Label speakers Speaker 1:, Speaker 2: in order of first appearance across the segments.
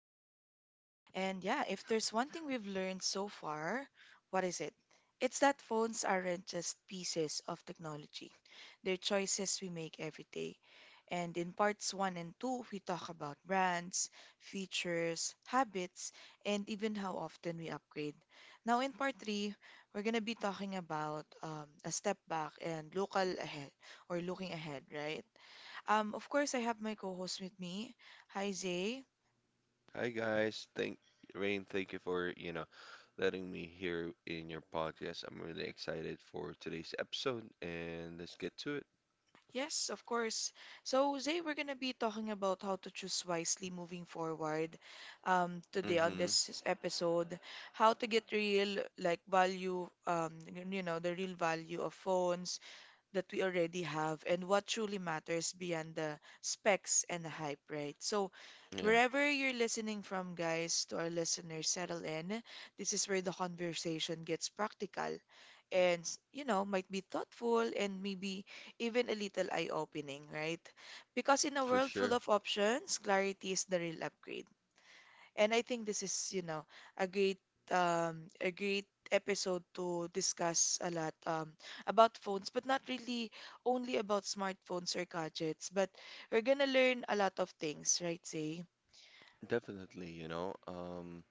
Speaker 1: everyone. And yeah, if there's one thing we've learned so far, what is it? It's that phones aren't just pieces of technology, they're choices we make every day. And in parts one and two, we talk about brands, features, habits, and even how often we upgrade. Now, in part three, we're going to be talking about a step back and local ahead or looking ahead, right? Of course, I have my co-host with me. Hi, Zay.
Speaker 2: Hi guys, thank Rain, thank you for, letting me here in your podcast. I'm really excited for today's episode and let's get to it.
Speaker 1: Yes, of course. So, Zay, we're going to be talking about how to choose wisely moving forward today on
Speaker 2: Mm-hmm.
Speaker 1: this episode. How to get real, like, value, you know, the real value of phones that we already have and what truly matters beyond the specs and the hype, right? So,
Speaker 2: Yeah,
Speaker 1: wherever you're listening from, guys, to our listeners, settle in. This is where the conversation gets practical and, you know, might be thoughtful and maybe even a little eye opening, right? Because in a
Speaker 2: for
Speaker 1: world
Speaker 2: sure.
Speaker 1: full of options, clarity is the real upgrade. And I think this is, you know, a great, a great episode to discuss a lot about phones, but not really only about smartphones or gadgets, but we're gonna learn a lot of things, right, Say?
Speaker 2: Definitely,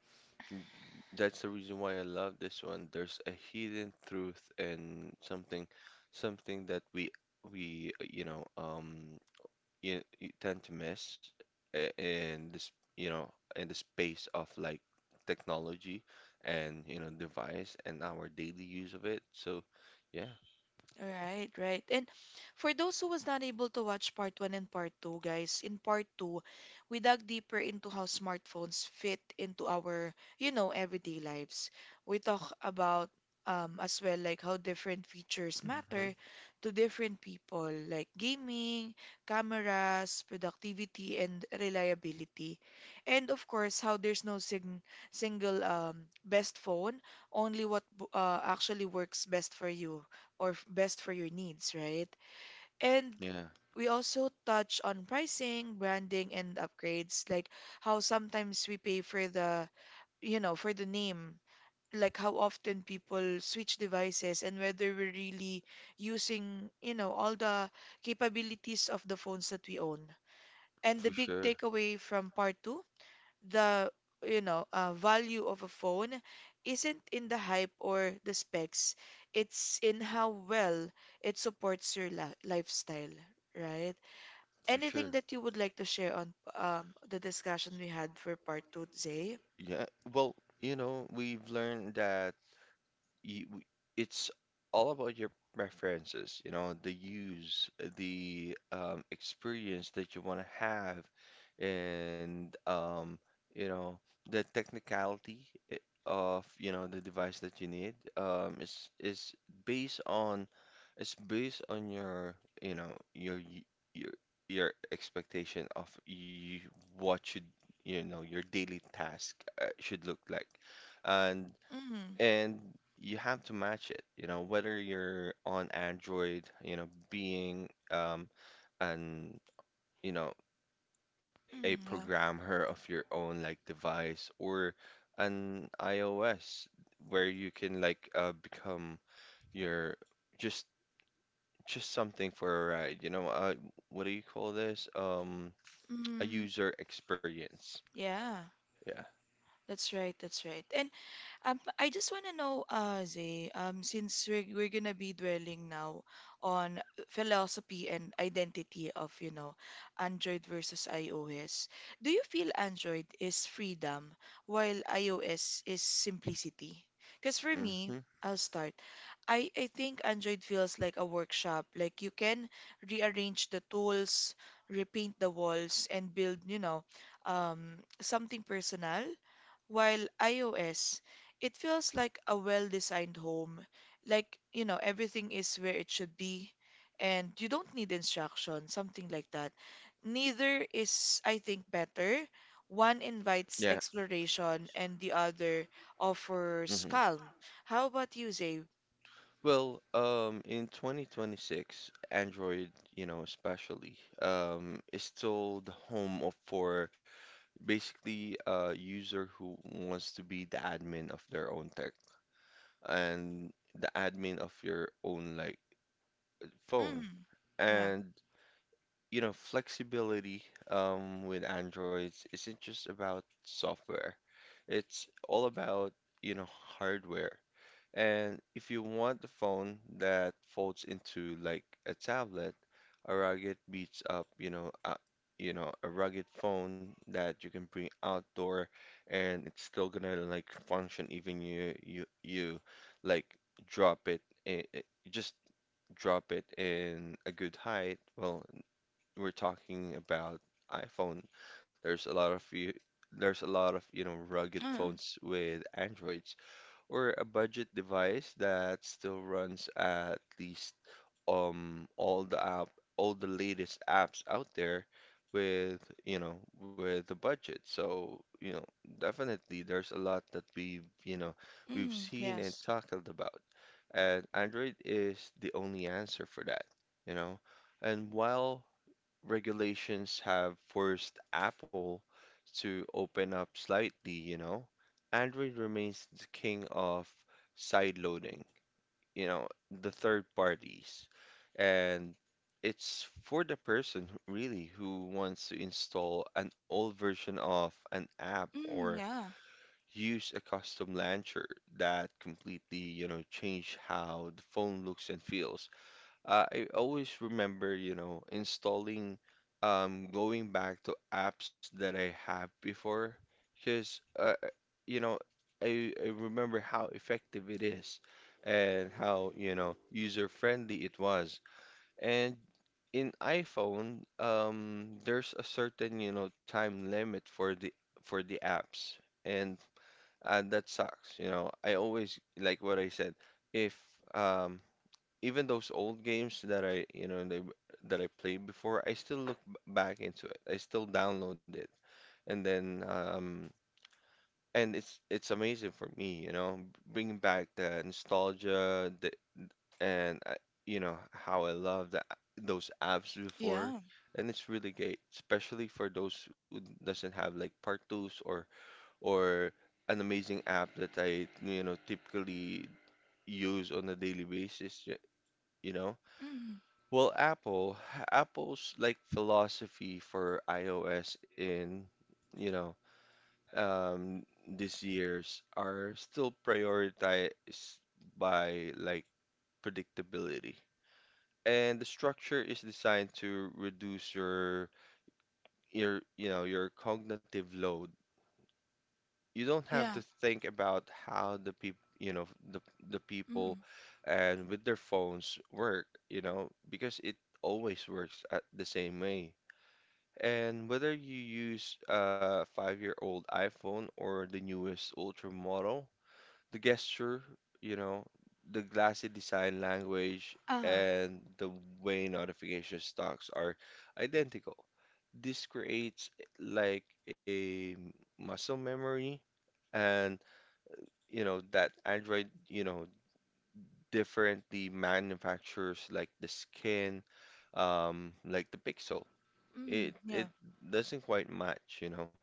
Speaker 2: n- that's the reason why I love this one. There's a hidden truth and something that we you know you, you tend to miss in this, you know, in the space of like technology and, device and our daily use of it. So, yeah.
Speaker 1: Right, right. And for those who was not able to watch part one and part two, guys, in part two, we dug deeper into how smartphones fit into our, you know, everyday lives. We talk about as well like how different features
Speaker 2: Hmm.
Speaker 1: matter to different people, like gaming, cameras, productivity, and reliability. And of course, how there's no sing single best phone, only what actually works best for you or best for your needs, right? And
Speaker 2: Yeah,
Speaker 1: we also touch on pricing, branding, and upgrades, like how sometimes we pay for the, you know, for the name, like how often people switch devices and whether we're really using, you know, all the capabilities of the phones that we own. And the
Speaker 2: for
Speaker 1: big
Speaker 2: sure.
Speaker 1: takeaway from part two, the you know, value of a phone isn't in the hype or the specs, it's in how well it supports your lifestyle, right?
Speaker 2: For
Speaker 1: Anything
Speaker 2: sure.
Speaker 1: that you would like to share on the discussion we had for part two, Zay?
Speaker 2: Yeah. Well, we've learned that you, w- it's all about your preferences, the use, the experience that you want to have, and you know, the technicality of, the device that you need is based on your, you know, your y- your your expectation of you what should, your daily task should look like. And
Speaker 1: mm,
Speaker 2: and you have to match it, whether you're on Android, being an you know a
Speaker 1: mm, yeah
Speaker 2: programmer of your own like device or an iOS where you can like become your just just something for a ride, what do you call this? A
Speaker 1: mm,
Speaker 2: user experience.
Speaker 1: yeah
Speaker 2: Yeah.
Speaker 1: That's right, that's right. I just want to know, Zay, since we're gonna be dwelling now on philosophy and identity of, you know, Android versus iOS, do you feel Android is freedom while iOS is simplicity? Because for me,
Speaker 2: Hmm.
Speaker 1: I'll start. I think Android feels like a workshop. Like you can rearrange the tools, repaint the walls, and build, you know, um, something personal. While iOS, it feels like a well-designed home, like, you know, everything is where it should be, and you don't need instruction, something like that. Neither is, I think, better. One
Speaker 2: Yeah.
Speaker 1: invites exploration and the other
Speaker 2: Hmm.
Speaker 1: offers calm. How about you, Zay?
Speaker 2: Well, in 2026, Android, especially, is still the home of for basically a user who wants to be the admin of their own tech and the admin of your own like phone.
Speaker 1: Mm, yeah.
Speaker 2: And flexibility, with Androids isn't just about software. It's all about, you know, hardware. And if you want a phone that folds into like a tablet, a rugged beats up, you know, a rugged phone that you can bring outdoor and it's still gonna like function even you like drop it, I- just drop it in a good height. Well, we're talking about iPhone. There's a lot of you there's a lot of, rugged
Speaker 1: Oh.
Speaker 2: phones with Androids or a budget device that still runs at least um all the app all the latest apps out there with with the budget. So, definitely there's a lot that we've
Speaker 1: Mm.
Speaker 2: seen and
Speaker 1: Yes.
Speaker 2: talked about, and Android is the only answer for that, you know and while regulations have forced Apple to open up slightly. Android remains the king of sideloading, you know, the third parties. And it's for the person really who wants to install an old version of an app
Speaker 1: Mm.
Speaker 2: or
Speaker 1: Yeah.
Speaker 2: use a custom launcher that completely, change how the phone looks and feels. I always remember, installing, going back to apps that I have before, because, you know, I remember how effective it is and how, user-friendly it was. And in iPhone, there's a certain, time limit for the apps, and and that sucks. I always like what I said. If um even those old games that I, you know, they, that I played before, I still look back into it. I still download it, and then and it's amazing for me, bringing back the nostalgia, and you know how I loved those apps before,
Speaker 1: Yeah.
Speaker 2: and it's really great, especially for those who doesn't have like part twos or an amazing app that I, typically use on a daily basis, you know.
Speaker 1: Mm.
Speaker 2: Well, Apple's like philosophy for iOS in, you know, these years are still prioritized by like predictability. And the structure is designed to reduce your cognitive load. You don't have
Speaker 1: Yeah.
Speaker 2: to think about how the the people
Speaker 1: Mm.
Speaker 2: and with their phones work, because it always works at the same way. And whether you use a 5-year-old iPhone or the newest Ultra model, the gesture, you know, the glassy design language,
Speaker 1: Ah.
Speaker 2: and the way notification stocks are identical. This creates like a muscle memory, and you know that Android, differently manufactures like the skin, like the pixel.
Speaker 1: Mm.
Speaker 2: It
Speaker 1: Yeah.
Speaker 2: it doesn't quite match.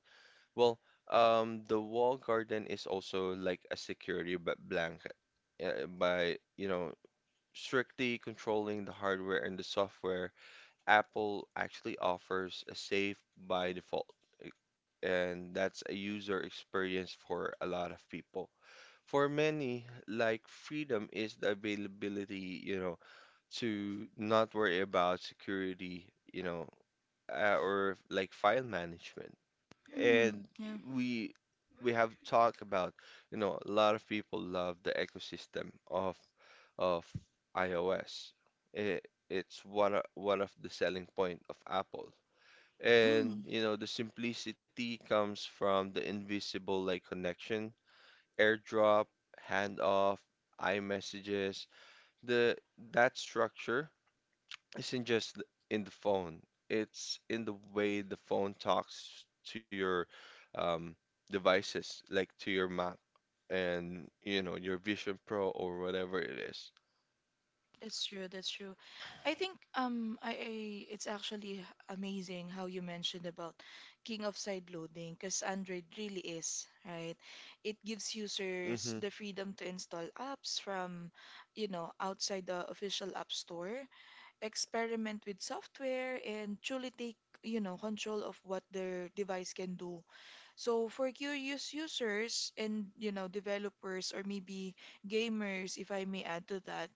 Speaker 2: Well, the wall garden is also like a security blanket by, strictly controlling the hardware and the software. Apple actually offers a safe by default, uh, and that's a user experience for a lot of people. For many, like freedom is the availability, to not worry about security, or like file management. And
Speaker 1: Mm. Yeah.
Speaker 2: we we have talked about, a lot of people love the ecosystem of iOS. It's one of the selling point of Apple. And
Speaker 1: Mm.
Speaker 2: you know, the simplicity comes from the invisible like connection, AirDrop, handoff, iMessages. The that structure isn't just in the phone. It's in the way the phone talks to your um, devices, like to your Mac and your Vision Pro or whatever it is.
Speaker 1: That's true. That's true. I think I it's actually amazing how you mentioned about king of side loading because Android really is, right? It gives users
Speaker 2: Mm-hmm.
Speaker 1: the freedom to install apps from, you know, outside the official app store, experiment with software and truly take, you know, control of what their device can do. So for curious users and, you know, developers or maybe gamers, if I may add to that,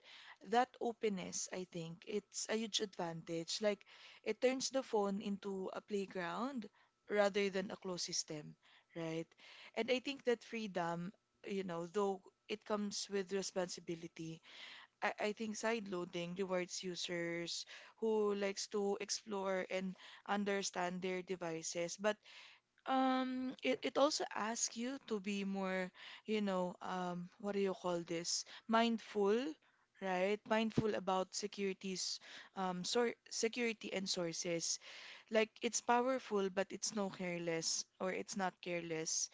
Speaker 1: that openness, I think, it's a huge advantage. Like it turns the phone into a playground rather than a closed system, right? And I think that freedom, you know, though it comes with responsibility, I think sideloading rewards users who likes to explore and understand their devices. But it also asks you to be more, you know, what do you call this? Mindful, right? Mindful about securities, sor security and sources. Like it's powerful, but it's no careless or it's not careless.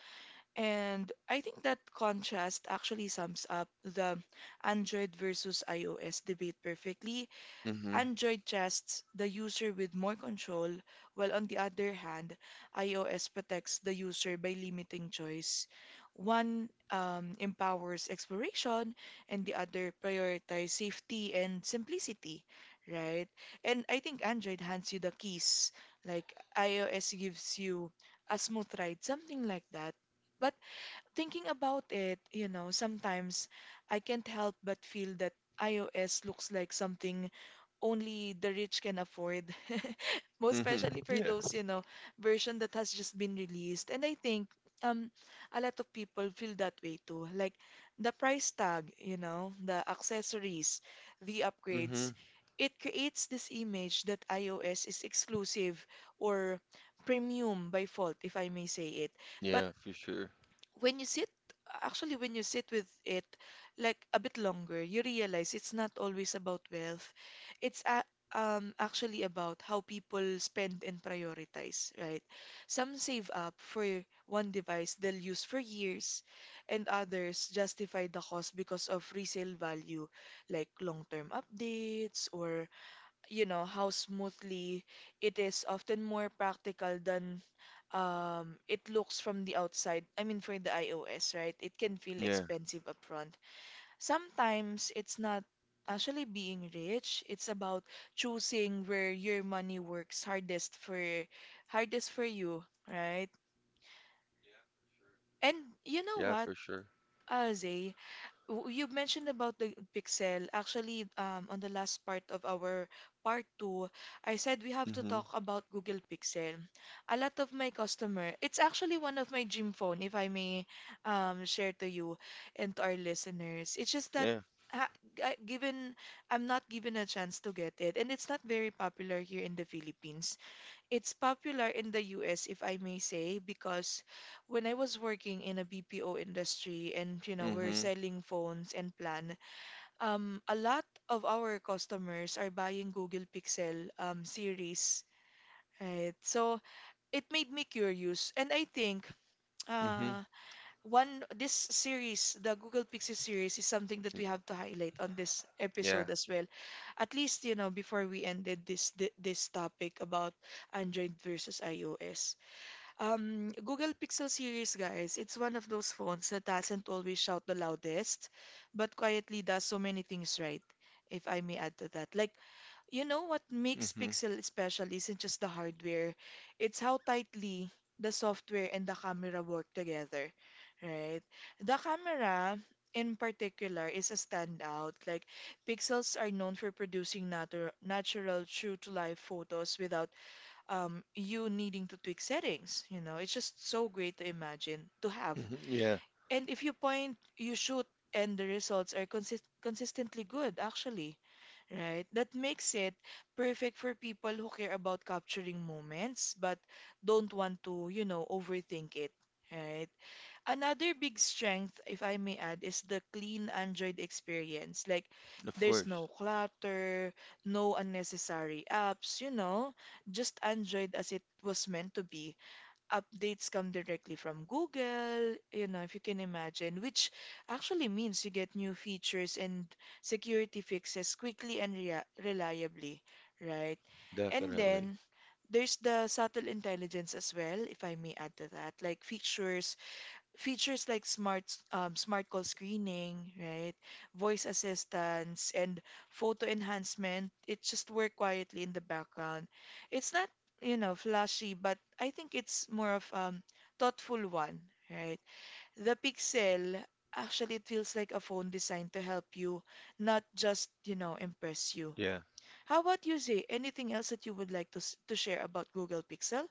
Speaker 1: And I think that contrast actually sums up the Android versus iOS debate perfectly.
Speaker 2: Mm-hmm.
Speaker 1: Android trusts the user with more control, while on the other hand, iOS protects the user by limiting choice. One empowers exploration, and the other prioritizes safety and simplicity, right? And I think Android hands you the keys, like iOS gives you a smooth ride, something like that. But thinking about it, you know, sometimes I can't help but feel that iOS looks like something only the rich can afford. Most
Speaker 2: Mm-hmm.
Speaker 1: especially for
Speaker 2: Yeah.
Speaker 1: those, you know, version that has just been released. And I think um a lot of people feel that way too. Like the price tag, you know, the accessories, the
Speaker 2: Mm-hmm.
Speaker 1: upgrades, it creates this image that iOS is exclusive or premium by fault, if I may say it. But
Speaker 2: Yeah, for sure.
Speaker 1: when you sit actually when you sit with it like a bit longer, you realize it's not always about wealth, it's a, actually about how people spend and prioritize, right? Some save up for one device they'll use for years, and others justify the cost because of resale value, like long-term updates or, you know, how smoothly it is often more practical than it looks from the outside. I mean for the iOS, right, it can feel
Speaker 2: Yeah.
Speaker 1: expensive upfront. Sometimes it's not actually being rich, it's about choosing where your money works hardest for you, right? And you know
Speaker 2: Yeah,
Speaker 1: what,
Speaker 2: for sure.
Speaker 1: Aze, you mentioned about the pixel. Actually, on the last part of our part two, I said we have to
Speaker 2: Mm-hmm.
Speaker 1: talk about Google Pixel. A lot of my customer, it's actually one of my gym phone, if I may share to you and to our listeners. It's just that
Speaker 2: Yeah.
Speaker 1: ha I- given I'm not given a chance to get it, and it's not very popular here in the Philippines. It's popular in the US, if I may say, because when I was working in a BPO industry and you know we're
Speaker 2: Mm-hmm.
Speaker 1: selling phones and plan, a lot of our customers are buying Google Pixel series, right? So it made me curious, and I think
Speaker 2: Mm-hmm.
Speaker 1: uh, one this series, the Google Pixel series, is something that we have to highlight on this
Speaker 2: Yeah.
Speaker 1: episode as well. At least you know before we ended this this topic about Android versus iOS. Google Pixel series, guys, it's one of those phones that doesn't always shout the loudest, but quietly does so many things right, if I may add to that. Like, you know what makes
Speaker 2: Mm-hmm.
Speaker 1: Pixel special isn't just the hardware, it's how tightly the software and the camera work together, right? The camera in particular is a standout. Like, Pixels are known for producing natural, true-to-life photos without you needing to tweak settings. You know, it's just so great to imagine to have.
Speaker 2: Mm-hmm. Yeah.
Speaker 1: And if you point, you shoot, and the results are consistently good, actually, right? That makes it perfect for people who care about capturing moments but don't want to, you know, overthink it, right? Another big strength, if I may add, is the clean Android experience. Like,
Speaker 2: Of
Speaker 1: there's
Speaker 2: course.
Speaker 1: no clutter, no unnecessary apps, you know, just Android as it was meant to be. Updates come directly from Google, you know, if you can imagine, which actually means you get new features and security fixes quickly and reliably, right? And
Speaker 2: Definitely.
Speaker 1: then there's the subtle intelligence as well, if I may add to that, like features like smart call screening, right? Voice assistance and photo enhancement. It just work quietly in the background. It's not, you know, flashy, but I think it's more of thoughtful one, right? The Pixel, actually it feels like a phone designed to help you, not just, you know, impress you.
Speaker 2: Yeah.
Speaker 1: How about you, Zay? Anything else that you would like to to share about Google Pixel?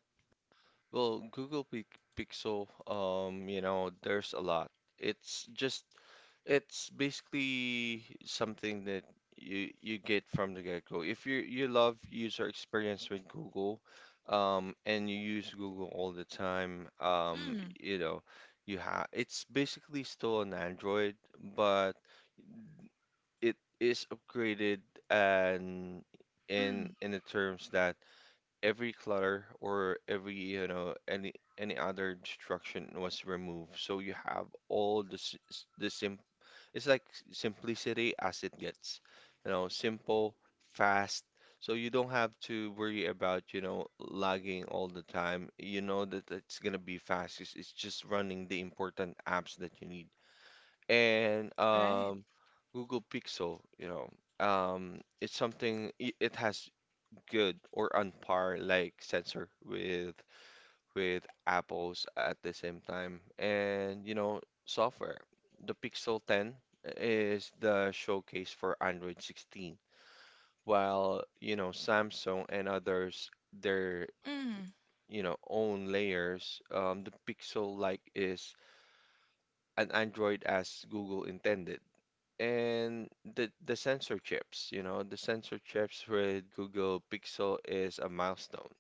Speaker 2: Well, Google Pixel, there's a lot. It's just it's basically something that you get from the get-go. If you love user experience with Google, and you use Google all the time,
Speaker 1: Mm,
Speaker 2: you know, you have it's basically still an Android, but it is upgraded and
Speaker 1: mm,
Speaker 2: in the terms that every clutter or every you know any other destruction was removed. So you have all the s- s- the sim simplicity as it gets, simple, fast. So you don't have to worry about, lagging all the time, that it's gonna be fast. It's just running the important apps that you need and
Speaker 1: right.
Speaker 2: Google Pixel, it has good or on par like sensor with Apple's at the same time. And software. The Pixel 10 is the showcase for Android 16, while Samsung and others their
Speaker 1: Mm,
Speaker 2: own layers. The Pixel like is an Android as Google intended. And the sensor chips with Google Pixel is a milestone.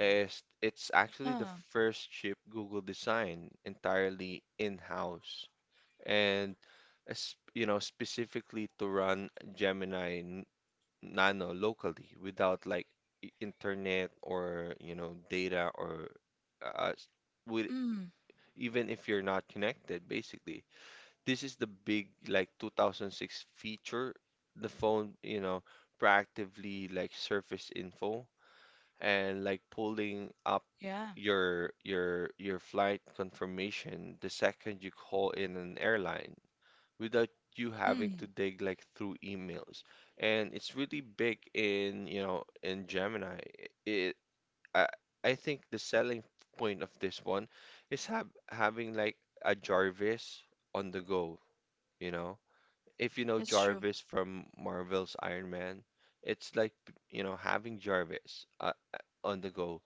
Speaker 2: Is it's actually the
Speaker 1: uh,
Speaker 2: first chip Google designed entirely in-house, and specifically to run Gemini Nano locally without like internet or data or s- with
Speaker 1: mm.
Speaker 2: even if you're not connected. Basically, this is the big like 2006 feature. The phone, proactively like surface info and like pulling up
Speaker 1: Yeah.
Speaker 2: your flight confirmation the second you call in an airline without you having to
Speaker 1: Mm.
Speaker 2: dig like through emails. And it's really big in, in Gemini. It, I, I think the selling point of this one is having like a Jarvis on the go, you know. If you know
Speaker 1: That's true.
Speaker 2: Jarvis from Marvel's Iron Man, it's like, having Jarvis on the go,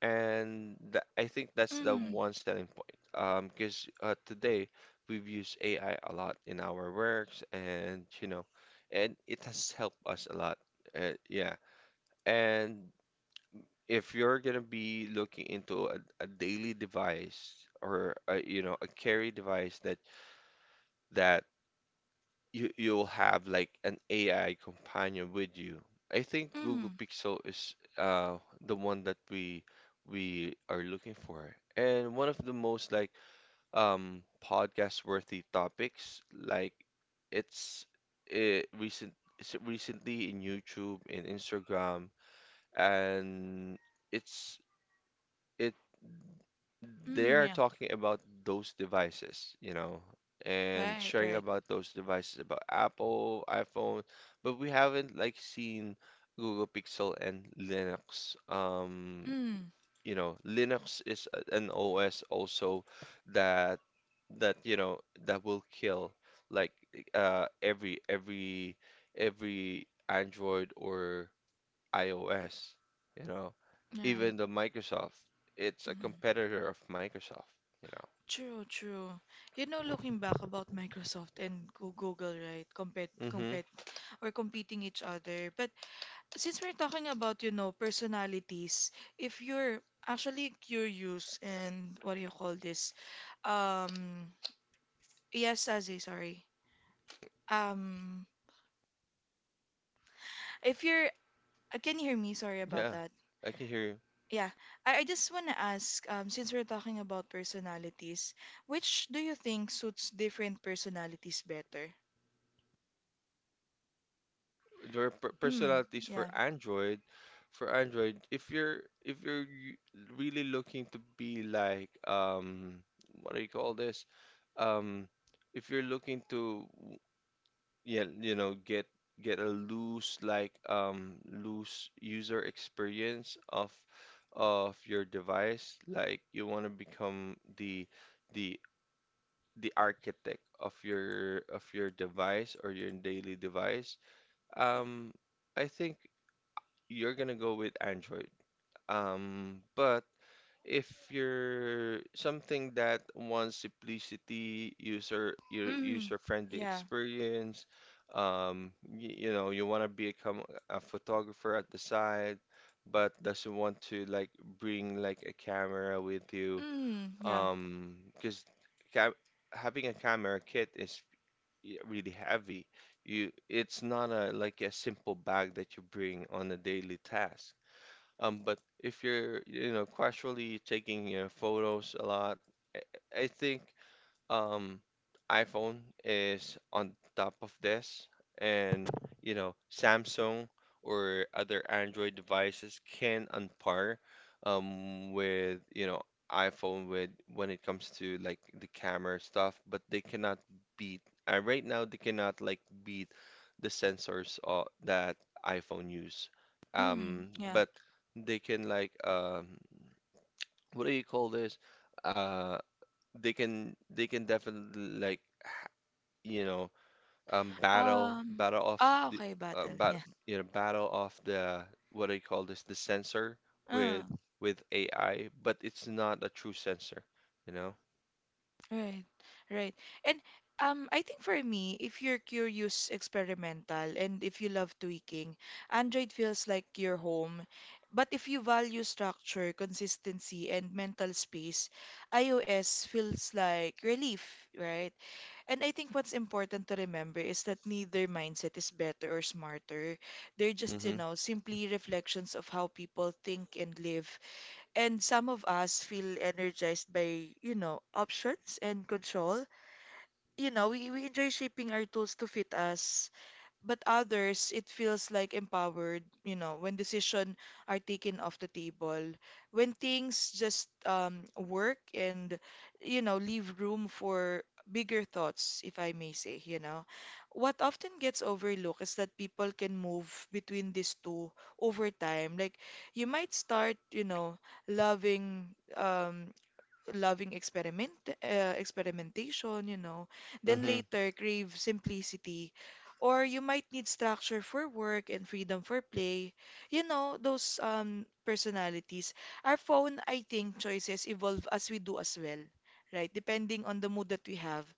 Speaker 2: and tha I think that's the
Speaker 1: Mm.
Speaker 2: one selling point. Because today we've used AI a lot in our works, and it has helped us a lot. Yeah. And if you're gonna be looking into a daily device or a, you know a carry device that you'll have like an AI companion with you. I think Google
Speaker 1: Mm.
Speaker 2: Pixel is the one that we are looking for. And one of the most like podcast worthy topics like it's it's recently in YouTube in Instagram, and it's it
Speaker 1: Mm.
Speaker 2: they're
Speaker 1: Yeah.
Speaker 2: talking about those devices, and
Speaker 1: Right.
Speaker 2: sharing
Speaker 1: Right.
Speaker 2: about those devices about Apple, iPhone, but we haven't like seen Google Pixel and Linux.
Speaker 1: Mm.
Speaker 2: Linux is an OS also that that you know that will kill like uh every every every Android or iOS, you know, even
Speaker 1: Right.
Speaker 2: the Microsoft. It's a
Speaker 1: Mm.
Speaker 2: competitor of Microsoft, you
Speaker 1: True. True. You know, looking back about Microsoft and Google, right? Compete,
Speaker 2: hmm.
Speaker 1: compete, or competing each other. But since we're talking about, you know, personalities, if you're actually curious and what do you call this? Um. Yes, Azzy. Sorry. Um. If you're, can you hear me? Sorry about
Speaker 2: Yeah,
Speaker 1: that.
Speaker 2: I can hear you.
Speaker 1: Yeah, I just want to ask, since we're talking about personalities, which do you think suits different personalities better?
Speaker 2: There are
Speaker 1: Mm,
Speaker 2: personalities for
Speaker 1: yeah.
Speaker 2: Android. For Android, if you're y- really looking to be like what do you call this? Um, if you're looking to, yeah, get a loose like loose user experience of your device. Like you want to become the the architect of your device or your daily device. Um, I think you're gonna go with Android. But if you're something that wants simplicity, user your
Speaker 1: Mm,
Speaker 2: user-friendly
Speaker 1: yeah.
Speaker 2: experience, you want to become a photographer at the side, but doesn't want to like bring like a camera with you,
Speaker 1: Mm, yeah.
Speaker 2: because ca having a camera kit is really heavy. It's not a like a simple bag that you bring on a daily task. But if you're, casually taking photos a lot, I think um, iPhone is on top of this, and you know, Samsung or other Android devices can on par with iPhone with when it comes to like the camera stuff, but they cannot beat. Right now, they cannot like beat the sensors that iPhone use.
Speaker 1: Mm, yeah.
Speaker 2: But they can like what do you call this? Uh, they can definitely like you know battle
Speaker 1: Um,
Speaker 2: battle off
Speaker 1: ah,
Speaker 2: the
Speaker 1: okay, battle.
Speaker 2: bat
Speaker 1: Yeah.
Speaker 2: you know battle off the what do you call this the sensor
Speaker 1: Uh,
Speaker 2: with AI, but it's not a true sensor, you know.
Speaker 1: right, right. And I think for me, if you're curious, experimental, and if you love tweaking, Android feels like your home. But if you value structure, consistency, and mental space, iOS feels like relief, right? And I think what's important to remember is that neither mindset is better or smarter. They're just, you
Speaker 2: Mm-hmm.
Speaker 1: know, simply reflections of how people think and live. And some of us feel energized by, you know, options and control. You know, we enjoy shaping our tools to fit us, but others it feels like empowered, you know, when decisions are taken off the table, when things just work, and you know leave room for bigger thoughts, if I may say. You know, what often gets overlooked is that people can move between these two over time. Like you might start, you know, loving, um loving experiment, experimentation, you know. Then
Speaker 2: Mm-hmm.
Speaker 1: later crave simplicity, or you might need structure for work and freedom for play. You know, those personalities. Our phone, I think, choices evolve as we do as well. Right, depending on the mood that we have.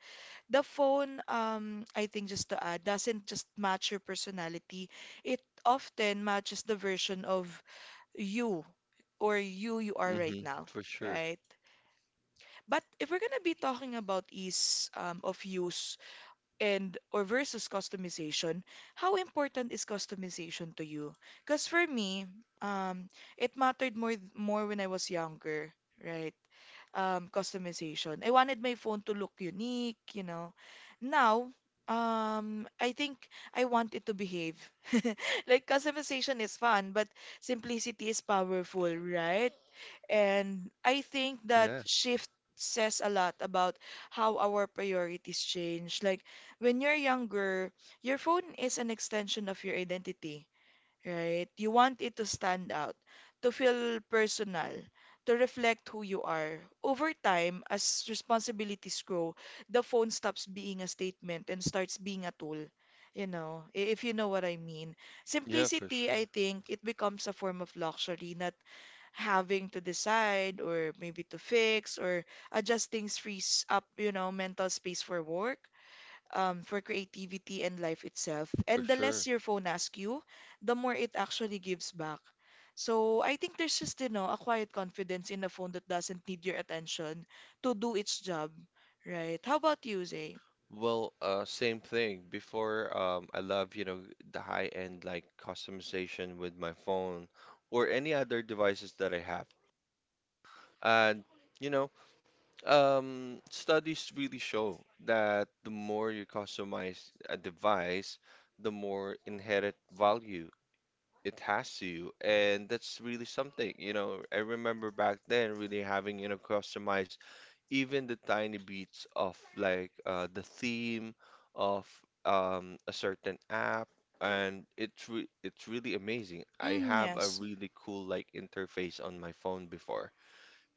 Speaker 1: The phone, I think just to add, doesn't just match your personality. It often matches the version of you, or you are right
Speaker 2: Mm-hmm,
Speaker 1: now,
Speaker 2: for sure.
Speaker 1: right? But if we're gonna be talking about ease of use and or versus customization, how important is customization to you? Because for me, um, it mattered more when I was younger, right? Customization. I wanted my phone to look unique, you know. Now, I think I want it to behave. Like customization is fun, but simplicity is powerful, right? And I think that
Speaker 2: Yes.
Speaker 1: shift says a lot about how our priorities change. Like when you're younger, your phone is an extension of your identity, right? You want it to stand out, to feel personal, to reflect who you are. Over time, as responsibilities grow, the phone stops being a statement and starts being a tool. You know, if you know what I mean.
Speaker 2: Yeah, for
Speaker 1: Simplicity,
Speaker 2: sure.
Speaker 1: I think, it becomes a form of luxury, not having to decide or maybe to fix or adjust things frees up, you know, mental space for work, for creativity and life itself.
Speaker 2: For
Speaker 1: And the less
Speaker 2: sure.
Speaker 1: your phone asks you, the more it actually gives back. So I think there's just, you know, a quiet confidence in a phone that doesn't need your attention to do its job, right? How about you, Zay?
Speaker 2: Well, same thing before. I love, you know, the high end like customization with my phone or any other devices that I have. And you know, studies really show that the more you customize a device, the more inherent value it has to you, and that's really something. You know, I remember back then really having, you know, customized even the tiny bits of like the theme of a certain app, and it's really amazing. I
Speaker 1: Mm,
Speaker 2: have a
Speaker 1: yes.
Speaker 2: really cool like interface on my phone before.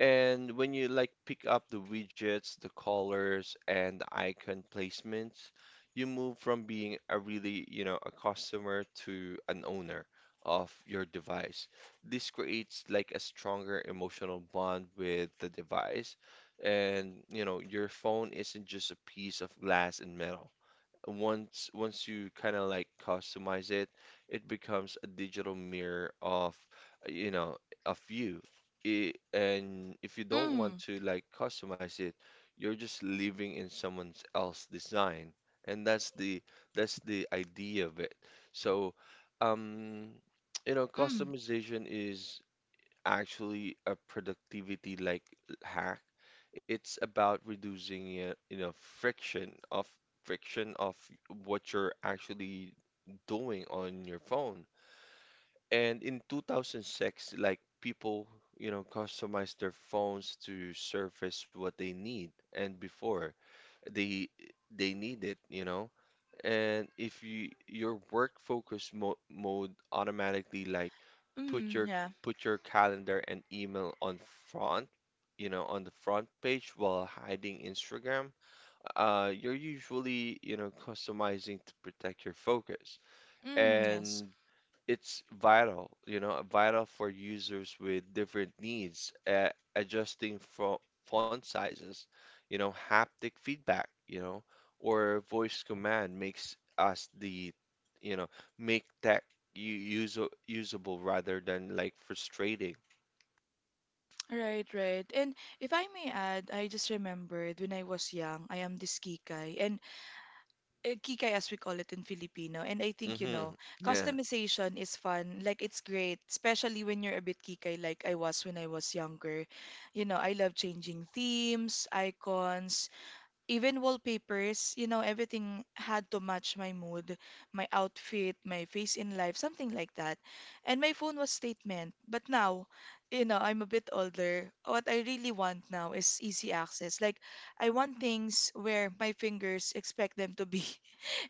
Speaker 2: And when you like pick up the widgets, the colors, and the icon placements, you move from being a really, you know, a customer to an owner of your device. This creates like a stronger emotional bond with the device. And, you know, your phone isn't just a piece of glass and metal once you kind of like customize it, it becomes a digital mirror of, uh, you know, of you. I and If you don't want
Speaker 1: Mm,
Speaker 2: to like customize it, you're just living in someone else's design. And that's the idea of it. So, um, you know,
Speaker 1: mm,
Speaker 2: customization is actually a productivity like hack. It's about reducing, you know, friction of what you're actually doing on your phone. And in 2006, like people, you know, customized their phones to surface what they need. And before they they need it, you know, and if you your work focus mo mode automatically like put
Speaker 1: mm,
Speaker 2: your
Speaker 1: yeah.
Speaker 2: put your calendar and email on front, you know, on the front page while hiding Instagram, you're usually, you know, customizing to protect your focus.
Speaker 1: Mm, yes.
Speaker 2: And it's vital, you know, vital for users with different needs, adjusting from font sizes, you know, haptic feedback, you know, or voice command makes us the, you know, make tech user usable rather than like frustrating.
Speaker 1: Right, right. And if I may add, I just remembered when I was young, I am this kikay. And kikay as we call it in Filipino. And I think, you
Speaker 2: Hmm.
Speaker 1: know,
Speaker 2: Yeah,
Speaker 1: customization is fun. Like it's great, especially when you're a bit kikay like I was when I was younger. You know, I love changing themes, icons, even wallpapers, you know, everything had to match my mood, my outfit, my face in life, something like that. And my phone was statement. But now, you know, I'm a bit older. What I really want now is easy access. Like, I want things where my fingers expect them to be,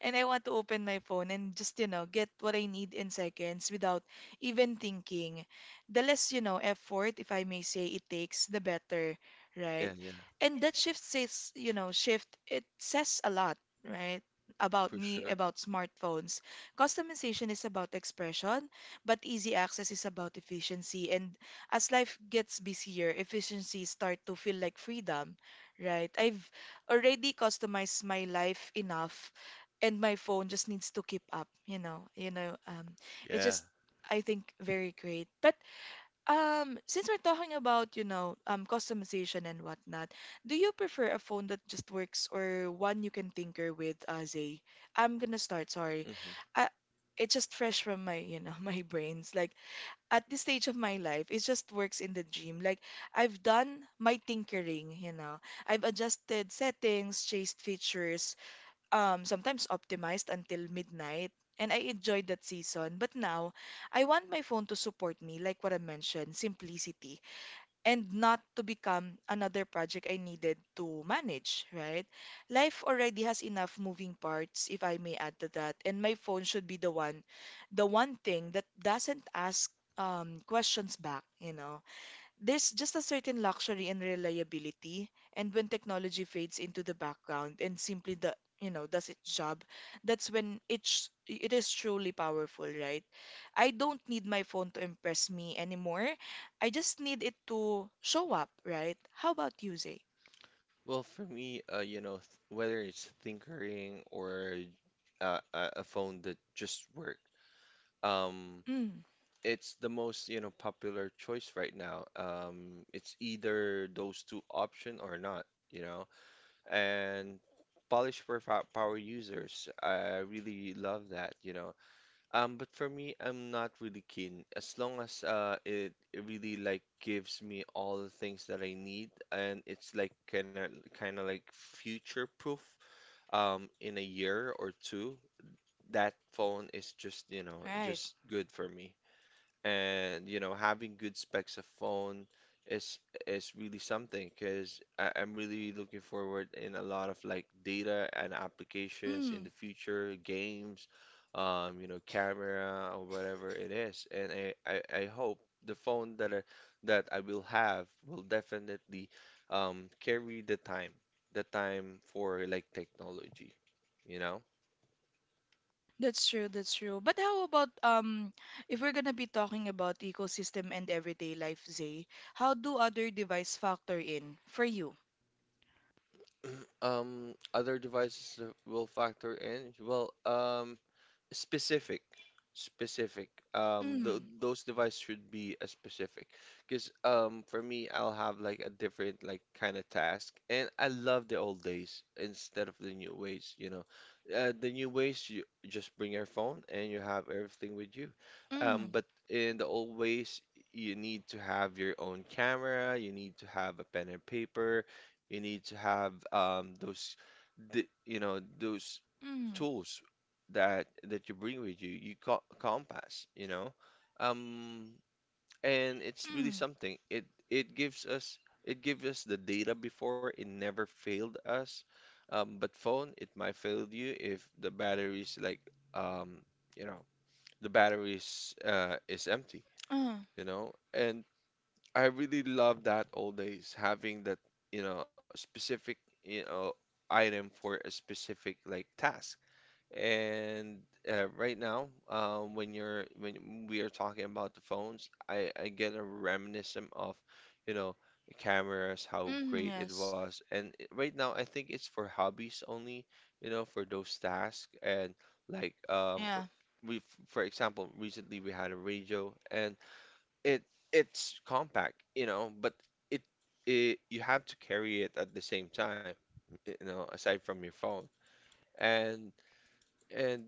Speaker 1: and I want to open my phone and just, you know, get what I need in seconds without even thinking. The less, you know, effort, if I may say, it takes, the better, right?
Speaker 2: yeah, yeah,
Speaker 1: And that shift says, you know, shift, it says a lot, right? About
Speaker 2: for
Speaker 1: me,
Speaker 2: sure.
Speaker 1: about smartphones. Customization is about expression, but easy access is about efficiency. And as life gets busier, efficiency start to feel like freedom, right? I've already customized my life enough, and my phone just needs to keep up, you know, you know, it's
Speaker 2: Yeah.
Speaker 1: just, I think, very great. But since we're talking about, you know, customization and whatnot, do you prefer a phone that just works or one you can tinker with, uh, Zay? I'm gonna start, sorry.
Speaker 2: Hmm.
Speaker 1: uh, it's just fresh from my, you know, my brains. Like at this stage of my life, it just works in the dream. Like I've done my tinkering, you know, I've adjusted settings, chased features, sometimes optimized until midnight, and I enjoyed that season. But now, I want my phone to support me, like what I mentioned, simplicity, and not to become another project I needed to manage, right? Life already has enough moving parts, if I may add to that, and my phone should be the one thing that doesn't ask questions back, you know. There's just a certain luxury and reliability, and when technology fades into the background and simply the you know does its job, that's when it is truly powerful, right? I don't need my phone to impress me anymore. I just need it to show up, right? How about you, Zay?
Speaker 2: Well, for me, you know, th whether it's tinkering or a phone that just works. Um,
Speaker 1: Mm,
Speaker 2: it's the most, you know, popular choice right now. It's either those two option or not, you know. And polish for power users, I really love that, you know. But for me, I'm not really keen. As long as it really like gives me all the things that I need, and it's like kind of like future proof. In a year or two, that phone is just, you know,
Speaker 1: right.
Speaker 2: just good for me. And you know, having good specs of phone is is really something, because I'm really looking forward in a lot of like data and applications in
Speaker 1: Mm,
Speaker 2: the future, games, you know, camera or whatever it is. And I hope the phone that I will have will definitely carry the time for like technology, you know?
Speaker 1: that's true, that's true. But how about if we're gonna be talking about ecosystem and everyday life, Zay, how do other device factor in for you?
Speaker 2: Other devices that will factor in. Well, Specific, specific. Th Those devices should be a specific, because for me, I'll have like a different like kind of task, and I love the old days instead of the new ways. You know, the new ways you just bring your phone and you have everything with you.
Speaker 1: Mm,
Speaker 2: But in the old ways, you need to have your own camera, you need to have a pen and paper, you need to have those the, you know, those
Speaker 1: mm,
Speaker 2: tools that that you bring with you. You got compass, you know, um and it's really
Speaker 1: mm,
Speaker 2: something. It gives us, it gives us the data before. It never failed us, but phone, it might fail you if the battery's like, um you know, the battery's is empty,
Speaker 1: uh,
Speaker 2: you know. And I really love that old days having that, you know, specific, you know, item for a specific like task. And right now, when you're when we are talking about the phones, I get a reminiscent of, you know, the cameras, how
Speaker 1: mm,
Speaker 2: great it
Speaker 1: yes.
Speaker 2: was. And right now, I think it's for hobbies only, you know, for those tasks. And like
Speaker 1: Yeah.
Speaker 2: we for example, recently we had a radio, and it it's compact, you know, but it, it you have to carry it at the same time, you know, aside from your phone. And and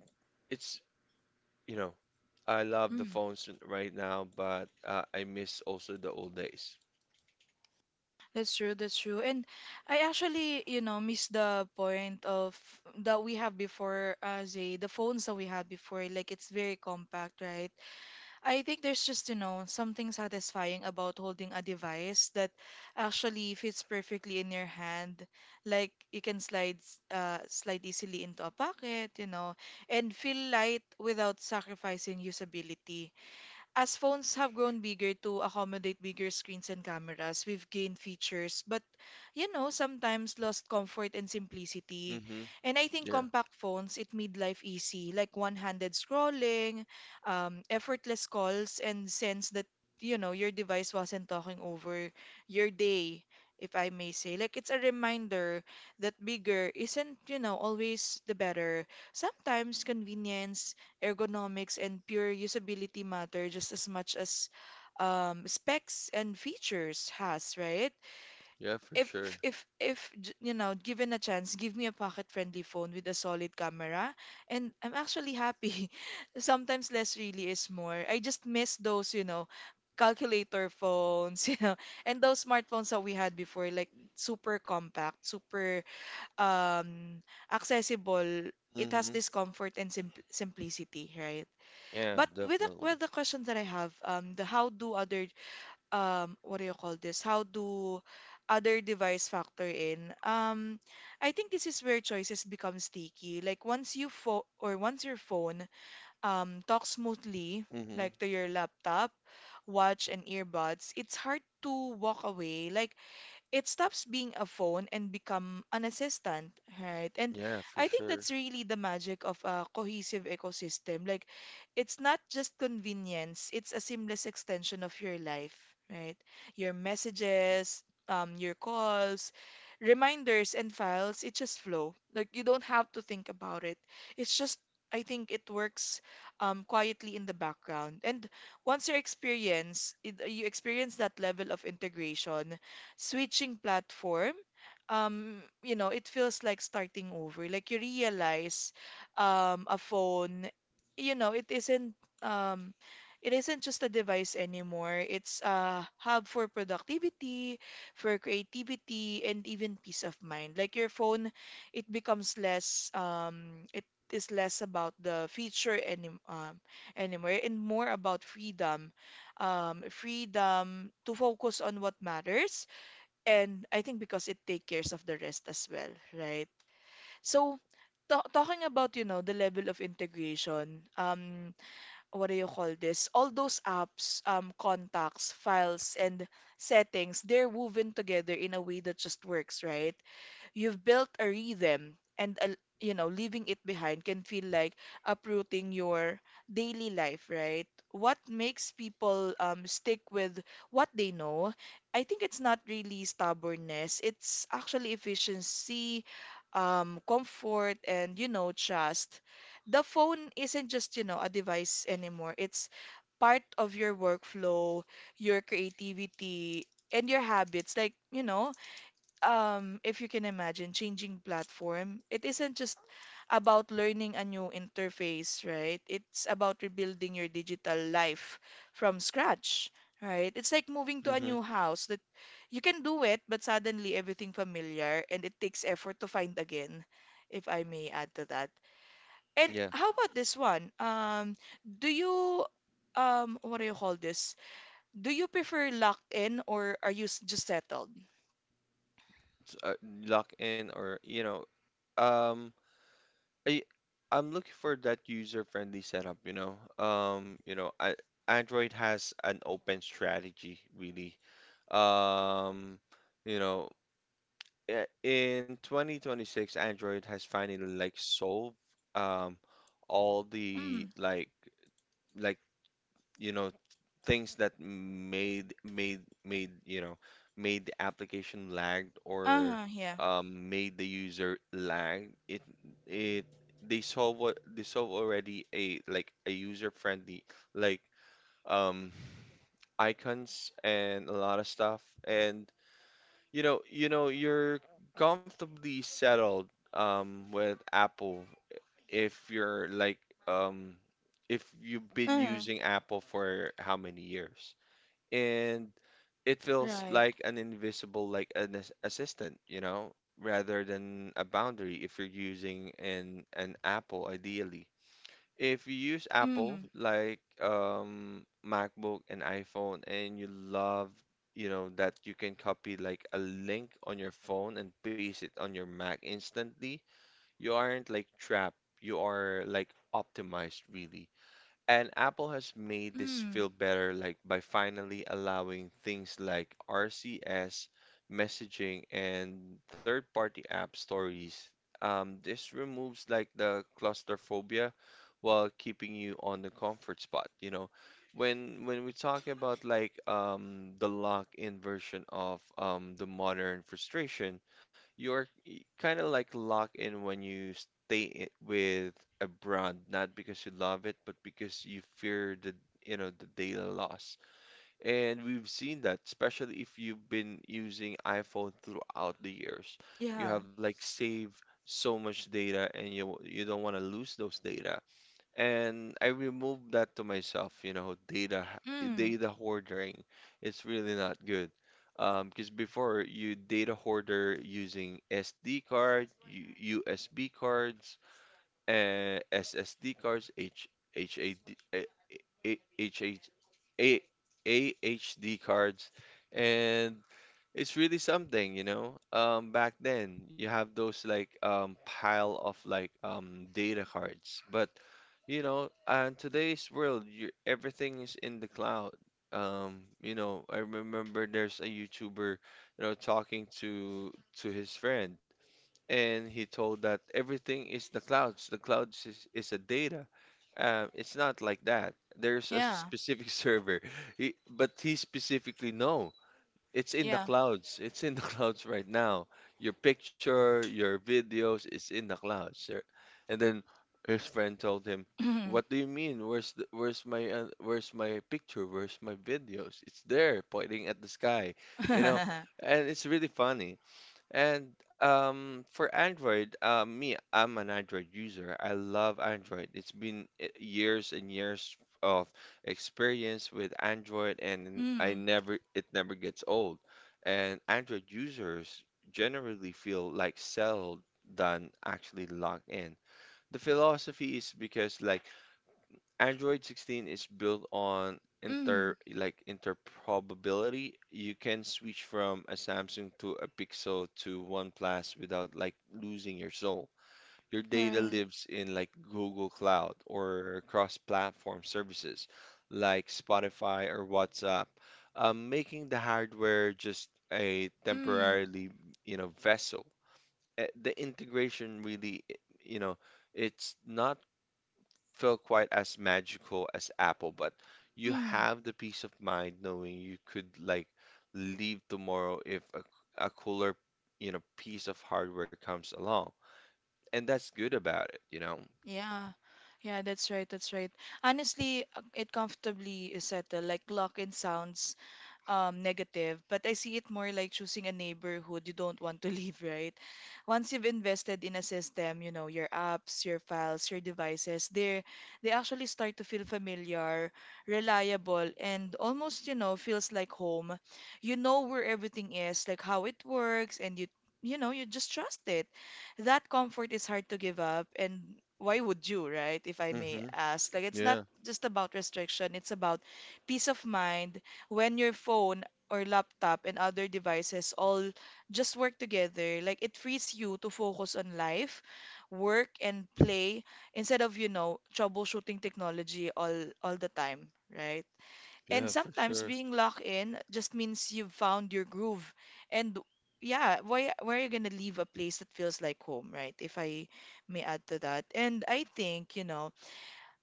Speaker 2: it's, you know, I love the
Speaker 1: Mm.
Speaker 2: phones right now, but I miss also the old days.
Speaker 1: That's true, that's true. And I actually, you know, missed the point of that we have before, Zay, the phones that we had before, like it's very compact, right? I think there's just, you know, something satisfying about holding a device that actually fits perfectly in your hand. Like you can slide, slide easily into a pocket, you know, and feel light without sacrificing usability. As phones have grown bigger to accommodate bigger screens and cameras, we've gained features, but you know, sometimes lost comfort and simplicity.
Speaker 2: Mm-hmm.
Speaker 1: And I think
Speaker 2: Yeah.
Speaker 1: compact phones, it made life easy, like one-handed scrolling, effortless calls, and sense that, you know, your device wasn't talking over your day, if I may say. Like it's a reminder that bigger isn't, you know, always the better. Sometimes convenience, ergonomics, and pure usability matter just as much as specs and features has, right?
Speaker 2: Yeah, for
Speaker 1: If
Speaker 2: sure.
Speaker 1: if j- You know, given a chance, give me a pocket-friendly phone with a solid camera, and I'm actually happy. Sometimes less really is more. I just miss those, you know, calculator phones, you know, and those smartphones that we had before, like super compact, super um accessible. It
Speaker 2: Mm-hmm.
Speaker 1: has this comfort and simplicity, right?
Speaker 2: Yeah,
Speaker 1: But with the
Speaker 2: definitely.
Speaker 1: question that I have, the how do other what do you call this? How do other device factor in? I think this is where choices become sticky. Like once you fo or once your phone talks smoothly,
Speaker 2: Mm-hmm.
Speaker 1: like to your laptop, watch and earbuds, it's hard to walk away. Like it stops being a phone and become an assistant, right? And
Speaker 2: Yeah, for
Speaker 1: I think
Speaker 2: sure.
Speaker 1: that's really the magic of a cohesive ecosystem. Like it's not just convenience, it's a seamless extension of your life, right? Your messages, your calls, reminders and files, it just flow. Like you don't have to think about it. It's just I think it works quietly in the background. And once you experience, it, you experience that level of integration, switching platform, you know, it feels like starting over. Like you realize a phone, you know, um, it isn't just a device anymore. It's a hub for productivity, for creativity, and even peace of mind. Like your phone, it becomes less it is less about the feature anymore and more about freedom, freedom to focus on what matters, and I think because it takes cares of the rest as well, right? So talking about, you know, the level of integration, what do you call this? All those apps, contacts, files, and settings, they're woven together in a way that just works, right? You've built a rhythm, and a, you know, leaving it behind can feel like uprooting your daily life, right? What makes people stick with what they know, I think it's not really stubbornness, it's actually efficiency, comfort, and you know trust. The phone isn't just you know a device anymore, it's part of your workflow, your creativity, and your habits. Like you know if you can imagine, changing platform, it isn't just about learning a new interface, right? It's about rebuilding your digital life from scratch, right? It's like moving to a
Speaker 2: Mm-hmm.
Speaker 1: new house that you can do it, but suddenly everything familiar and it takes effort to find again, if I may add to that. And
Speaker 2: Yeah.
Speaker 1: how about this one? Do you, what do you call this? Do you prefer locked in or are you just settled?
Speaker 2: So, lock in or you know, um. I I'm looking for that user-friendly setup, you know. You know, Android has an open strategy, really. Um, you know, in 2026, Android has finally like solved um all the
Speaker 1: Mm.
Speaker 2: like like you know things that made made made you know made the application lagged or
Speaker 1: Uh-huh, yeah.
Speaker 2: made the user lag it it they solve. What they solve already a like a user friendly like um icons and a lot of stuff. And you're comfortably settled with Apple if you're like um if you've been
Speaker 1: Mm,
Speaker 2: using Apple for how many years, and it feels
Speaker 1: right.
Speaker 2: like an invisible like an assistant, you know, rather than a boundary if you're using an Apple ideally. If you use Apple
Speaker 1: Mm,
Speaker 2: like MacBook and iPhone, and you love, you know, that you can copy like a link on your phone and paste it on your Mac instantly, you aren't like trapped, you are like optimized, really. And Apple has made this
Speaker 1: mm,
Speaker 2: feel better like by finally allowing things like RCS messaging and third-party app stories. This removes like the claustrophobia while keeping you on the comfort spot, you know. When we talk about like the lock-in version of the modern frustration, you're kind of like locked in when you stay with a brand not because you love it, but because you fear the, you know, the data loss. And we've seen that, especially if you've been using iPhone throughout the years. You
Speaker 1: yeah.
Speaker 2: have like saved so much data, and you don't want to lose those data. And I removed that to myself, you know, data
Speaker 1: Mm,
Speaker 2: data hoarding. It's really not good. Because before you data hoarder using SD card, U USB cards, SSD cards, H, HAD, eh, eh, HH A- AHD cards, and it's really something, you know. Back then, you have those like pile of like data cards, but you know, and today's world, you, everything is in the cloud. You know, I remember there's a YouTuber, you know, talking to his friend, and he told that everything is the clouds. The clouds is a data. It's not like that. There's a
Speaker 1: yeah,
Speaker 2: specific server. He specifically no. It's in the
Speaker 1: yeah.
Speaker 2: clouds. It's in the clouds right now. Your picture, your videos, it's in the clouds. Sir." And then his friend told him,
Speaker 1: Mm,
Speaker 2: "What do you mean? Where's where's my picture? Where's my videos? It's there, pointing at the sky, you know." And it's really funny. And for Android, me, I'm an Android user. I love Android. It's been years and years of experience with Android, and I
Speaker 1: mm,
Speaker 2: never, it never gets old. And Android users generally feel like settled than actually locked in. The philosophy is because like Android 16 is built on
Speaker 1: mm,
Speaker 2: inter like interoperability. You can switch from a Samsung to a Pixel to OnePlus without like losing your soul. Your data
Speaker 1: right.
Speaker 2: lives in like Google Cloud or cross-platform services like Spotify or WhatsApp, making the hardware just a
Speaker 1: Mm,
Speaker 2: temporarily, you know, vessel. The integration really, you know, it's not feel quite as magical as Apple, but you
Speaker 1: mm,
Speaker 2: have the peace of mind knowing you could like leave tomorrow if a cooler, you know, piece of hardware comes along. And that's good about it, you know.
Speaker 1: yeah. Yeah, that's right, that's right. Honestly, it comfortably is settled, like lock-in sounds negative, but I see it more like choosing a neighborhood you don't want to leave, right? Once you've invested in a system, you know, your apps, your files, your devices, they actually start to feel familiar, reliable, and almost, you know, feels like home. You know where everything is, like how it works, and you know, you just trust it. That comfort is hard to give up, and why would you, right? If I may
Speaker 2: Hmm.
Speaker 1: ask, like it's not
Speaker 2: Yeah,
Speaker 1: just about restriction, it's about peace of mind when your phone or laptop and other devices all just work together, like it frees you to focus on life, work, and play instead of, troubleshooting technology all the time, right? And
Speaker 2: yeah, for
Speaker 1: sometimes
Speaker 2: sure.
Speaker 1: being locked in just means you've found your groove. And yeah, why where are you gonna leave a place that feels like home, right? If I may add to that. And I think, you know,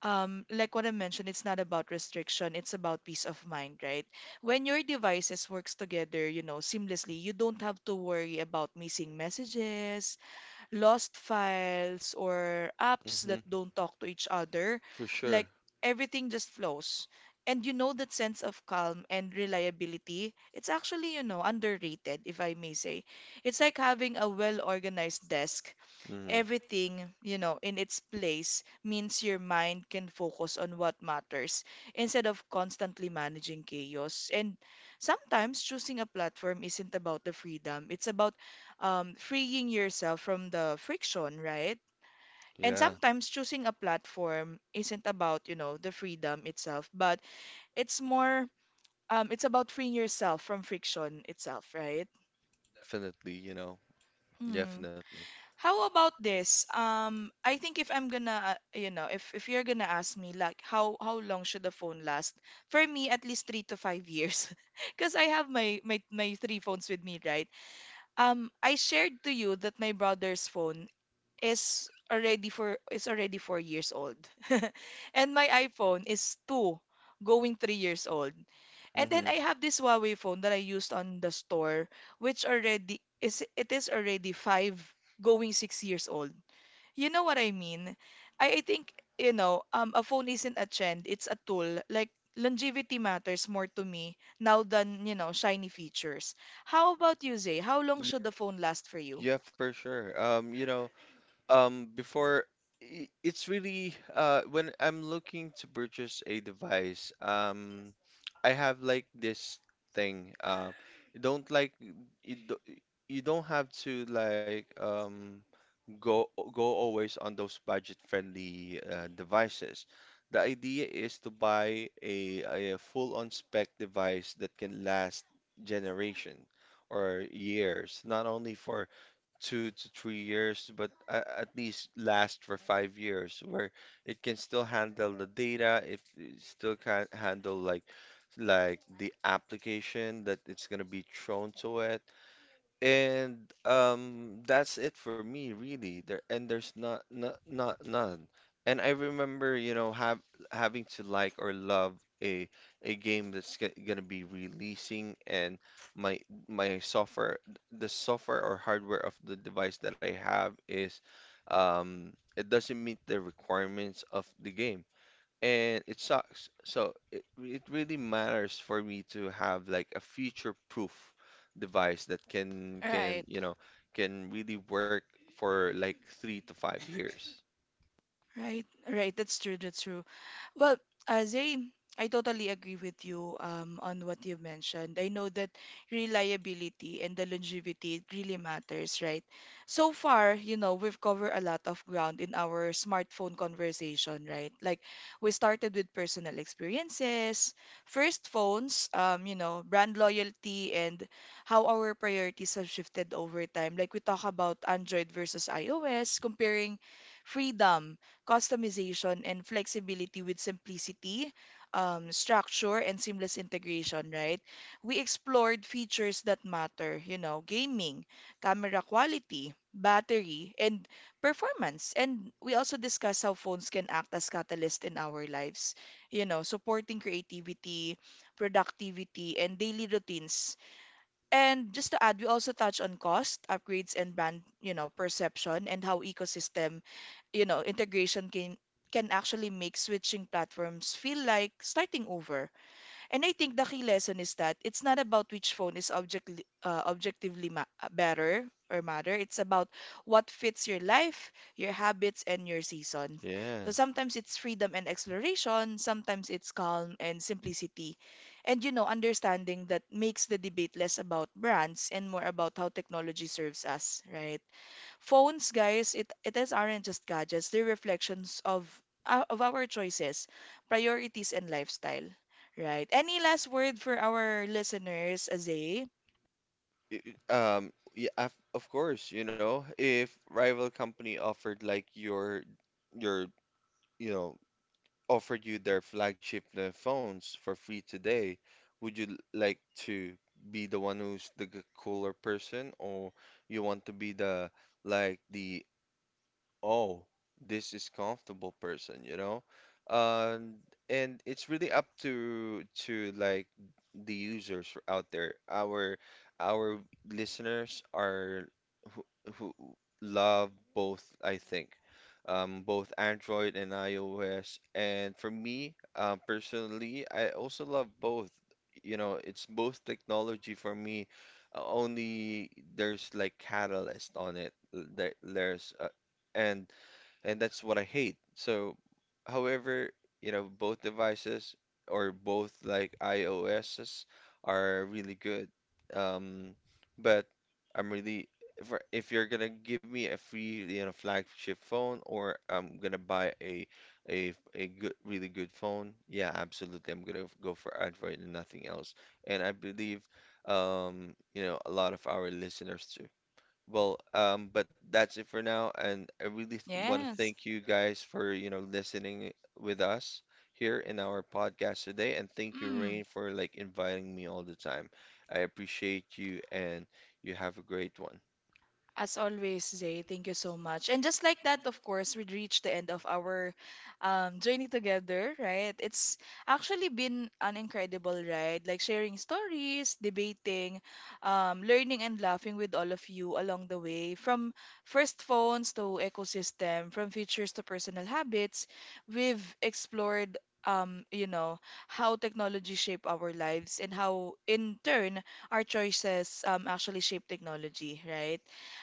Speaker 1: like what I mentioned, it's not about restriction, it's about peace of mind, right? When your devices works together, you know, seamlessly, you don't have to worry about missing messages, lost files, or apps that
Speaker 2: Hmm.
Speaker 1: don't talk to each other.
Speaker 2: For
Speaker 1: Like
Speaker 2: sure.
Speaker 1: everything just flows. And you know that sense of calm and reliability, it's actually, you know, underrated, if I may say. It's like having a well-organized desk,
Speaker 2: Hmm.
Speaker 1: everything, you know, in its place means your mind can focus on what matters instead of constantly managing chaos. And sometimes choosing a platform isn't about the freedom, it's about freeing yourself from the friction, right? And
Speaker 2: Yeah,
Speaker 1: sometimes choosing a platform isn't about, you know, the freedom itself, but it's more, it's about freeing yourself from friction itself, right?
Speaker 2: definitely, you know,
Speaker 1: Mm-hmm.
Speaker 2: definitely.
Speaker 1: How about this? I think if I'm gonna, you know, if you're gonna ask me like how long should the phone last? For me, at least 3 to 5 years, because I have my three phones with me, right? I shared to you that my brother's phone is already 4 years old. And my iPhone is two, going 3 years old. And then I
Speaker 2: Hmm.
Speaker 1: have this Huawei phone that I used on the store, which already is it is already five, going 6 years old. You know what I mean? I think, a phone isn't a trend, it's a tool. Like longevity matters more to me now than, you know, shiny features. How about you, Zay? How long should the phone last for you?
Speaker 2: Yeah, for sure. You know, before it's really when I'm looking to purchase a device, I have like this thing. You don't like you do, you don't have to like go go always on those budget-friendly devices. The idea is to buy a full-on spec device that can last generation or years, not only for 2 to 3 years, but at least last for 5 years, where it can still handle the data, if it still can handle like the application that it's gonna be thrown to it. And that's it for me, really. There and there's not not not none. And I remember, you know, have having to like or love a game that's g gonna be releasing, and my my software, the software or hardware of the device that I have is, it doesn't meet the requirements of the game, and it sucks. So it really matters for me to have like a future-proof device that can
Speaker 1: Right.
Speaker 2: you know can really work for like 3 to 5 years.
Speaker 1: Right, right. That's true. That's true. Well, Zay, I totally agree with you on what you mentioned. I know that reliability and the longevity it really matters, right? So far, you know, we've covered a lot of ground in our smartphone conversation, right? Like we started with personal experiences, first phones, you know, brand loyalty, and how our priorities have shifted over time. Like we talk about Android versus iOS, comparing freedom, customization, and flexibility with simplicity, structure, and seamless integration, right? We explored features that matter, you know, gaming, camera quality, battery, and performance. And we also discussed how phones can act as catalyst in our lives, you know, supporting creativity, productivity, and daily routines, and just to add, we also touch on cost, upgrades, and brand, you know, perception and how ecosystem, you know, integration can actually make switching platforms feel like starting over. And I think the key lesson is that it's not about which phone is objectively better or matter. It's about what fits your life, your habits, and your season.
Speaker 2: Yeah.
Speaker 1: So sometimes it's freedom and exploration, sometimes it's calm and simplicity. And you know, understanding that makes the debate less about brands and more about how technology serves us, right? Phones, guys, it is aren't just gadgets. They're reflections of our choices, priorities, and lifestyle. Right? Any last word for our listeners, Azay?
Speaker 2: I- Yeah. Of course. You know, if rival company offered like your you know offered you their flagship phones for free today, would you like to be the one who's the cooler person, or you want to be the like the oh, this is comfortable person, you know? Um, and it's really up to like the users out there. Our listeners are who, who love both, I think. Both Android and iOS. And for me, personally, I also love both. You know, it's both technology for me. Only there's like catalyst on it. There, there's and and that's what I hate. So, however, you know, both devices or both like iOSs are really good. Um, but I'm really, if you're gonna give me a free, you know, flagship phone, or I'm gonna buy a good really good phone, yeah, absolutely, I'm gonna go for Android and nothing else. And I believe you know, a lot of our listeners too. Well, but that's it for now, and I really want to
Speaker 1: Yes.
Speaker 2: thank you guys for, you know, listening with us here in our podcast today, and thank you,
Speaker 1: Mm.
Speaker 2: Rain, for like inviting me all the time. I appreciate you, and you have a great one.
Speaker 1: As always, Jay, thank you so much. And just like that, of course, we reached the end of our journey together, right? It's actually been an incredible ride, like sharing stories, debating, learning, and laughing with all of you along the way. From first phones to ecosystem, from features to personal habits, we've explored. You know how technology shape our lives and how in turn our choices actually shape technology, right?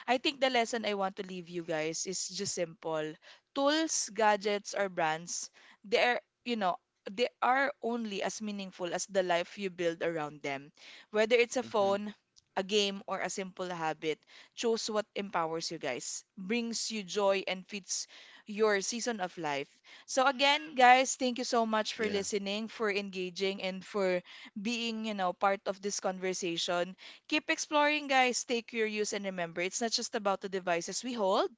Speaker 1: I think the lesson I want to leave you guys is just simple. Tools, gadgets, or brands, they are, you know, they are only as meaningful as the life you build around them. Whether it's a
Speaker 2: Hmm.
Speaker 1: phone, a game, or a simple habit, choose what empowers you guys, brings you joy, and fits your season of life. So again, guys, thank you so much for
Speaker 2: Yeah,
Speaker 1: listening, for engaging, and for being, you know, part of this conversation. Keep exploring, guys. Stay curious and remember, it's not just about the devices we hold,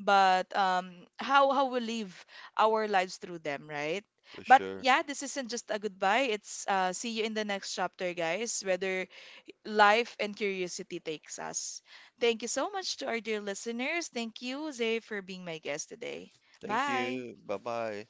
Speaker 1: but how we live our lives through them, right?
Speaker 2: for
Speaker 1: But
Speaker 2: sure.
Speaker 1: yeah, this isn't just a goodbye. It's see you in the next chapter, guys. Whether life and curiosity takes us. Thank you so much to our dear listeners. Thank you, Zay, for being my guest today.
Speaker 2: Thank
Speaker 1: Bye.
Speaker 2: you. Bye bye.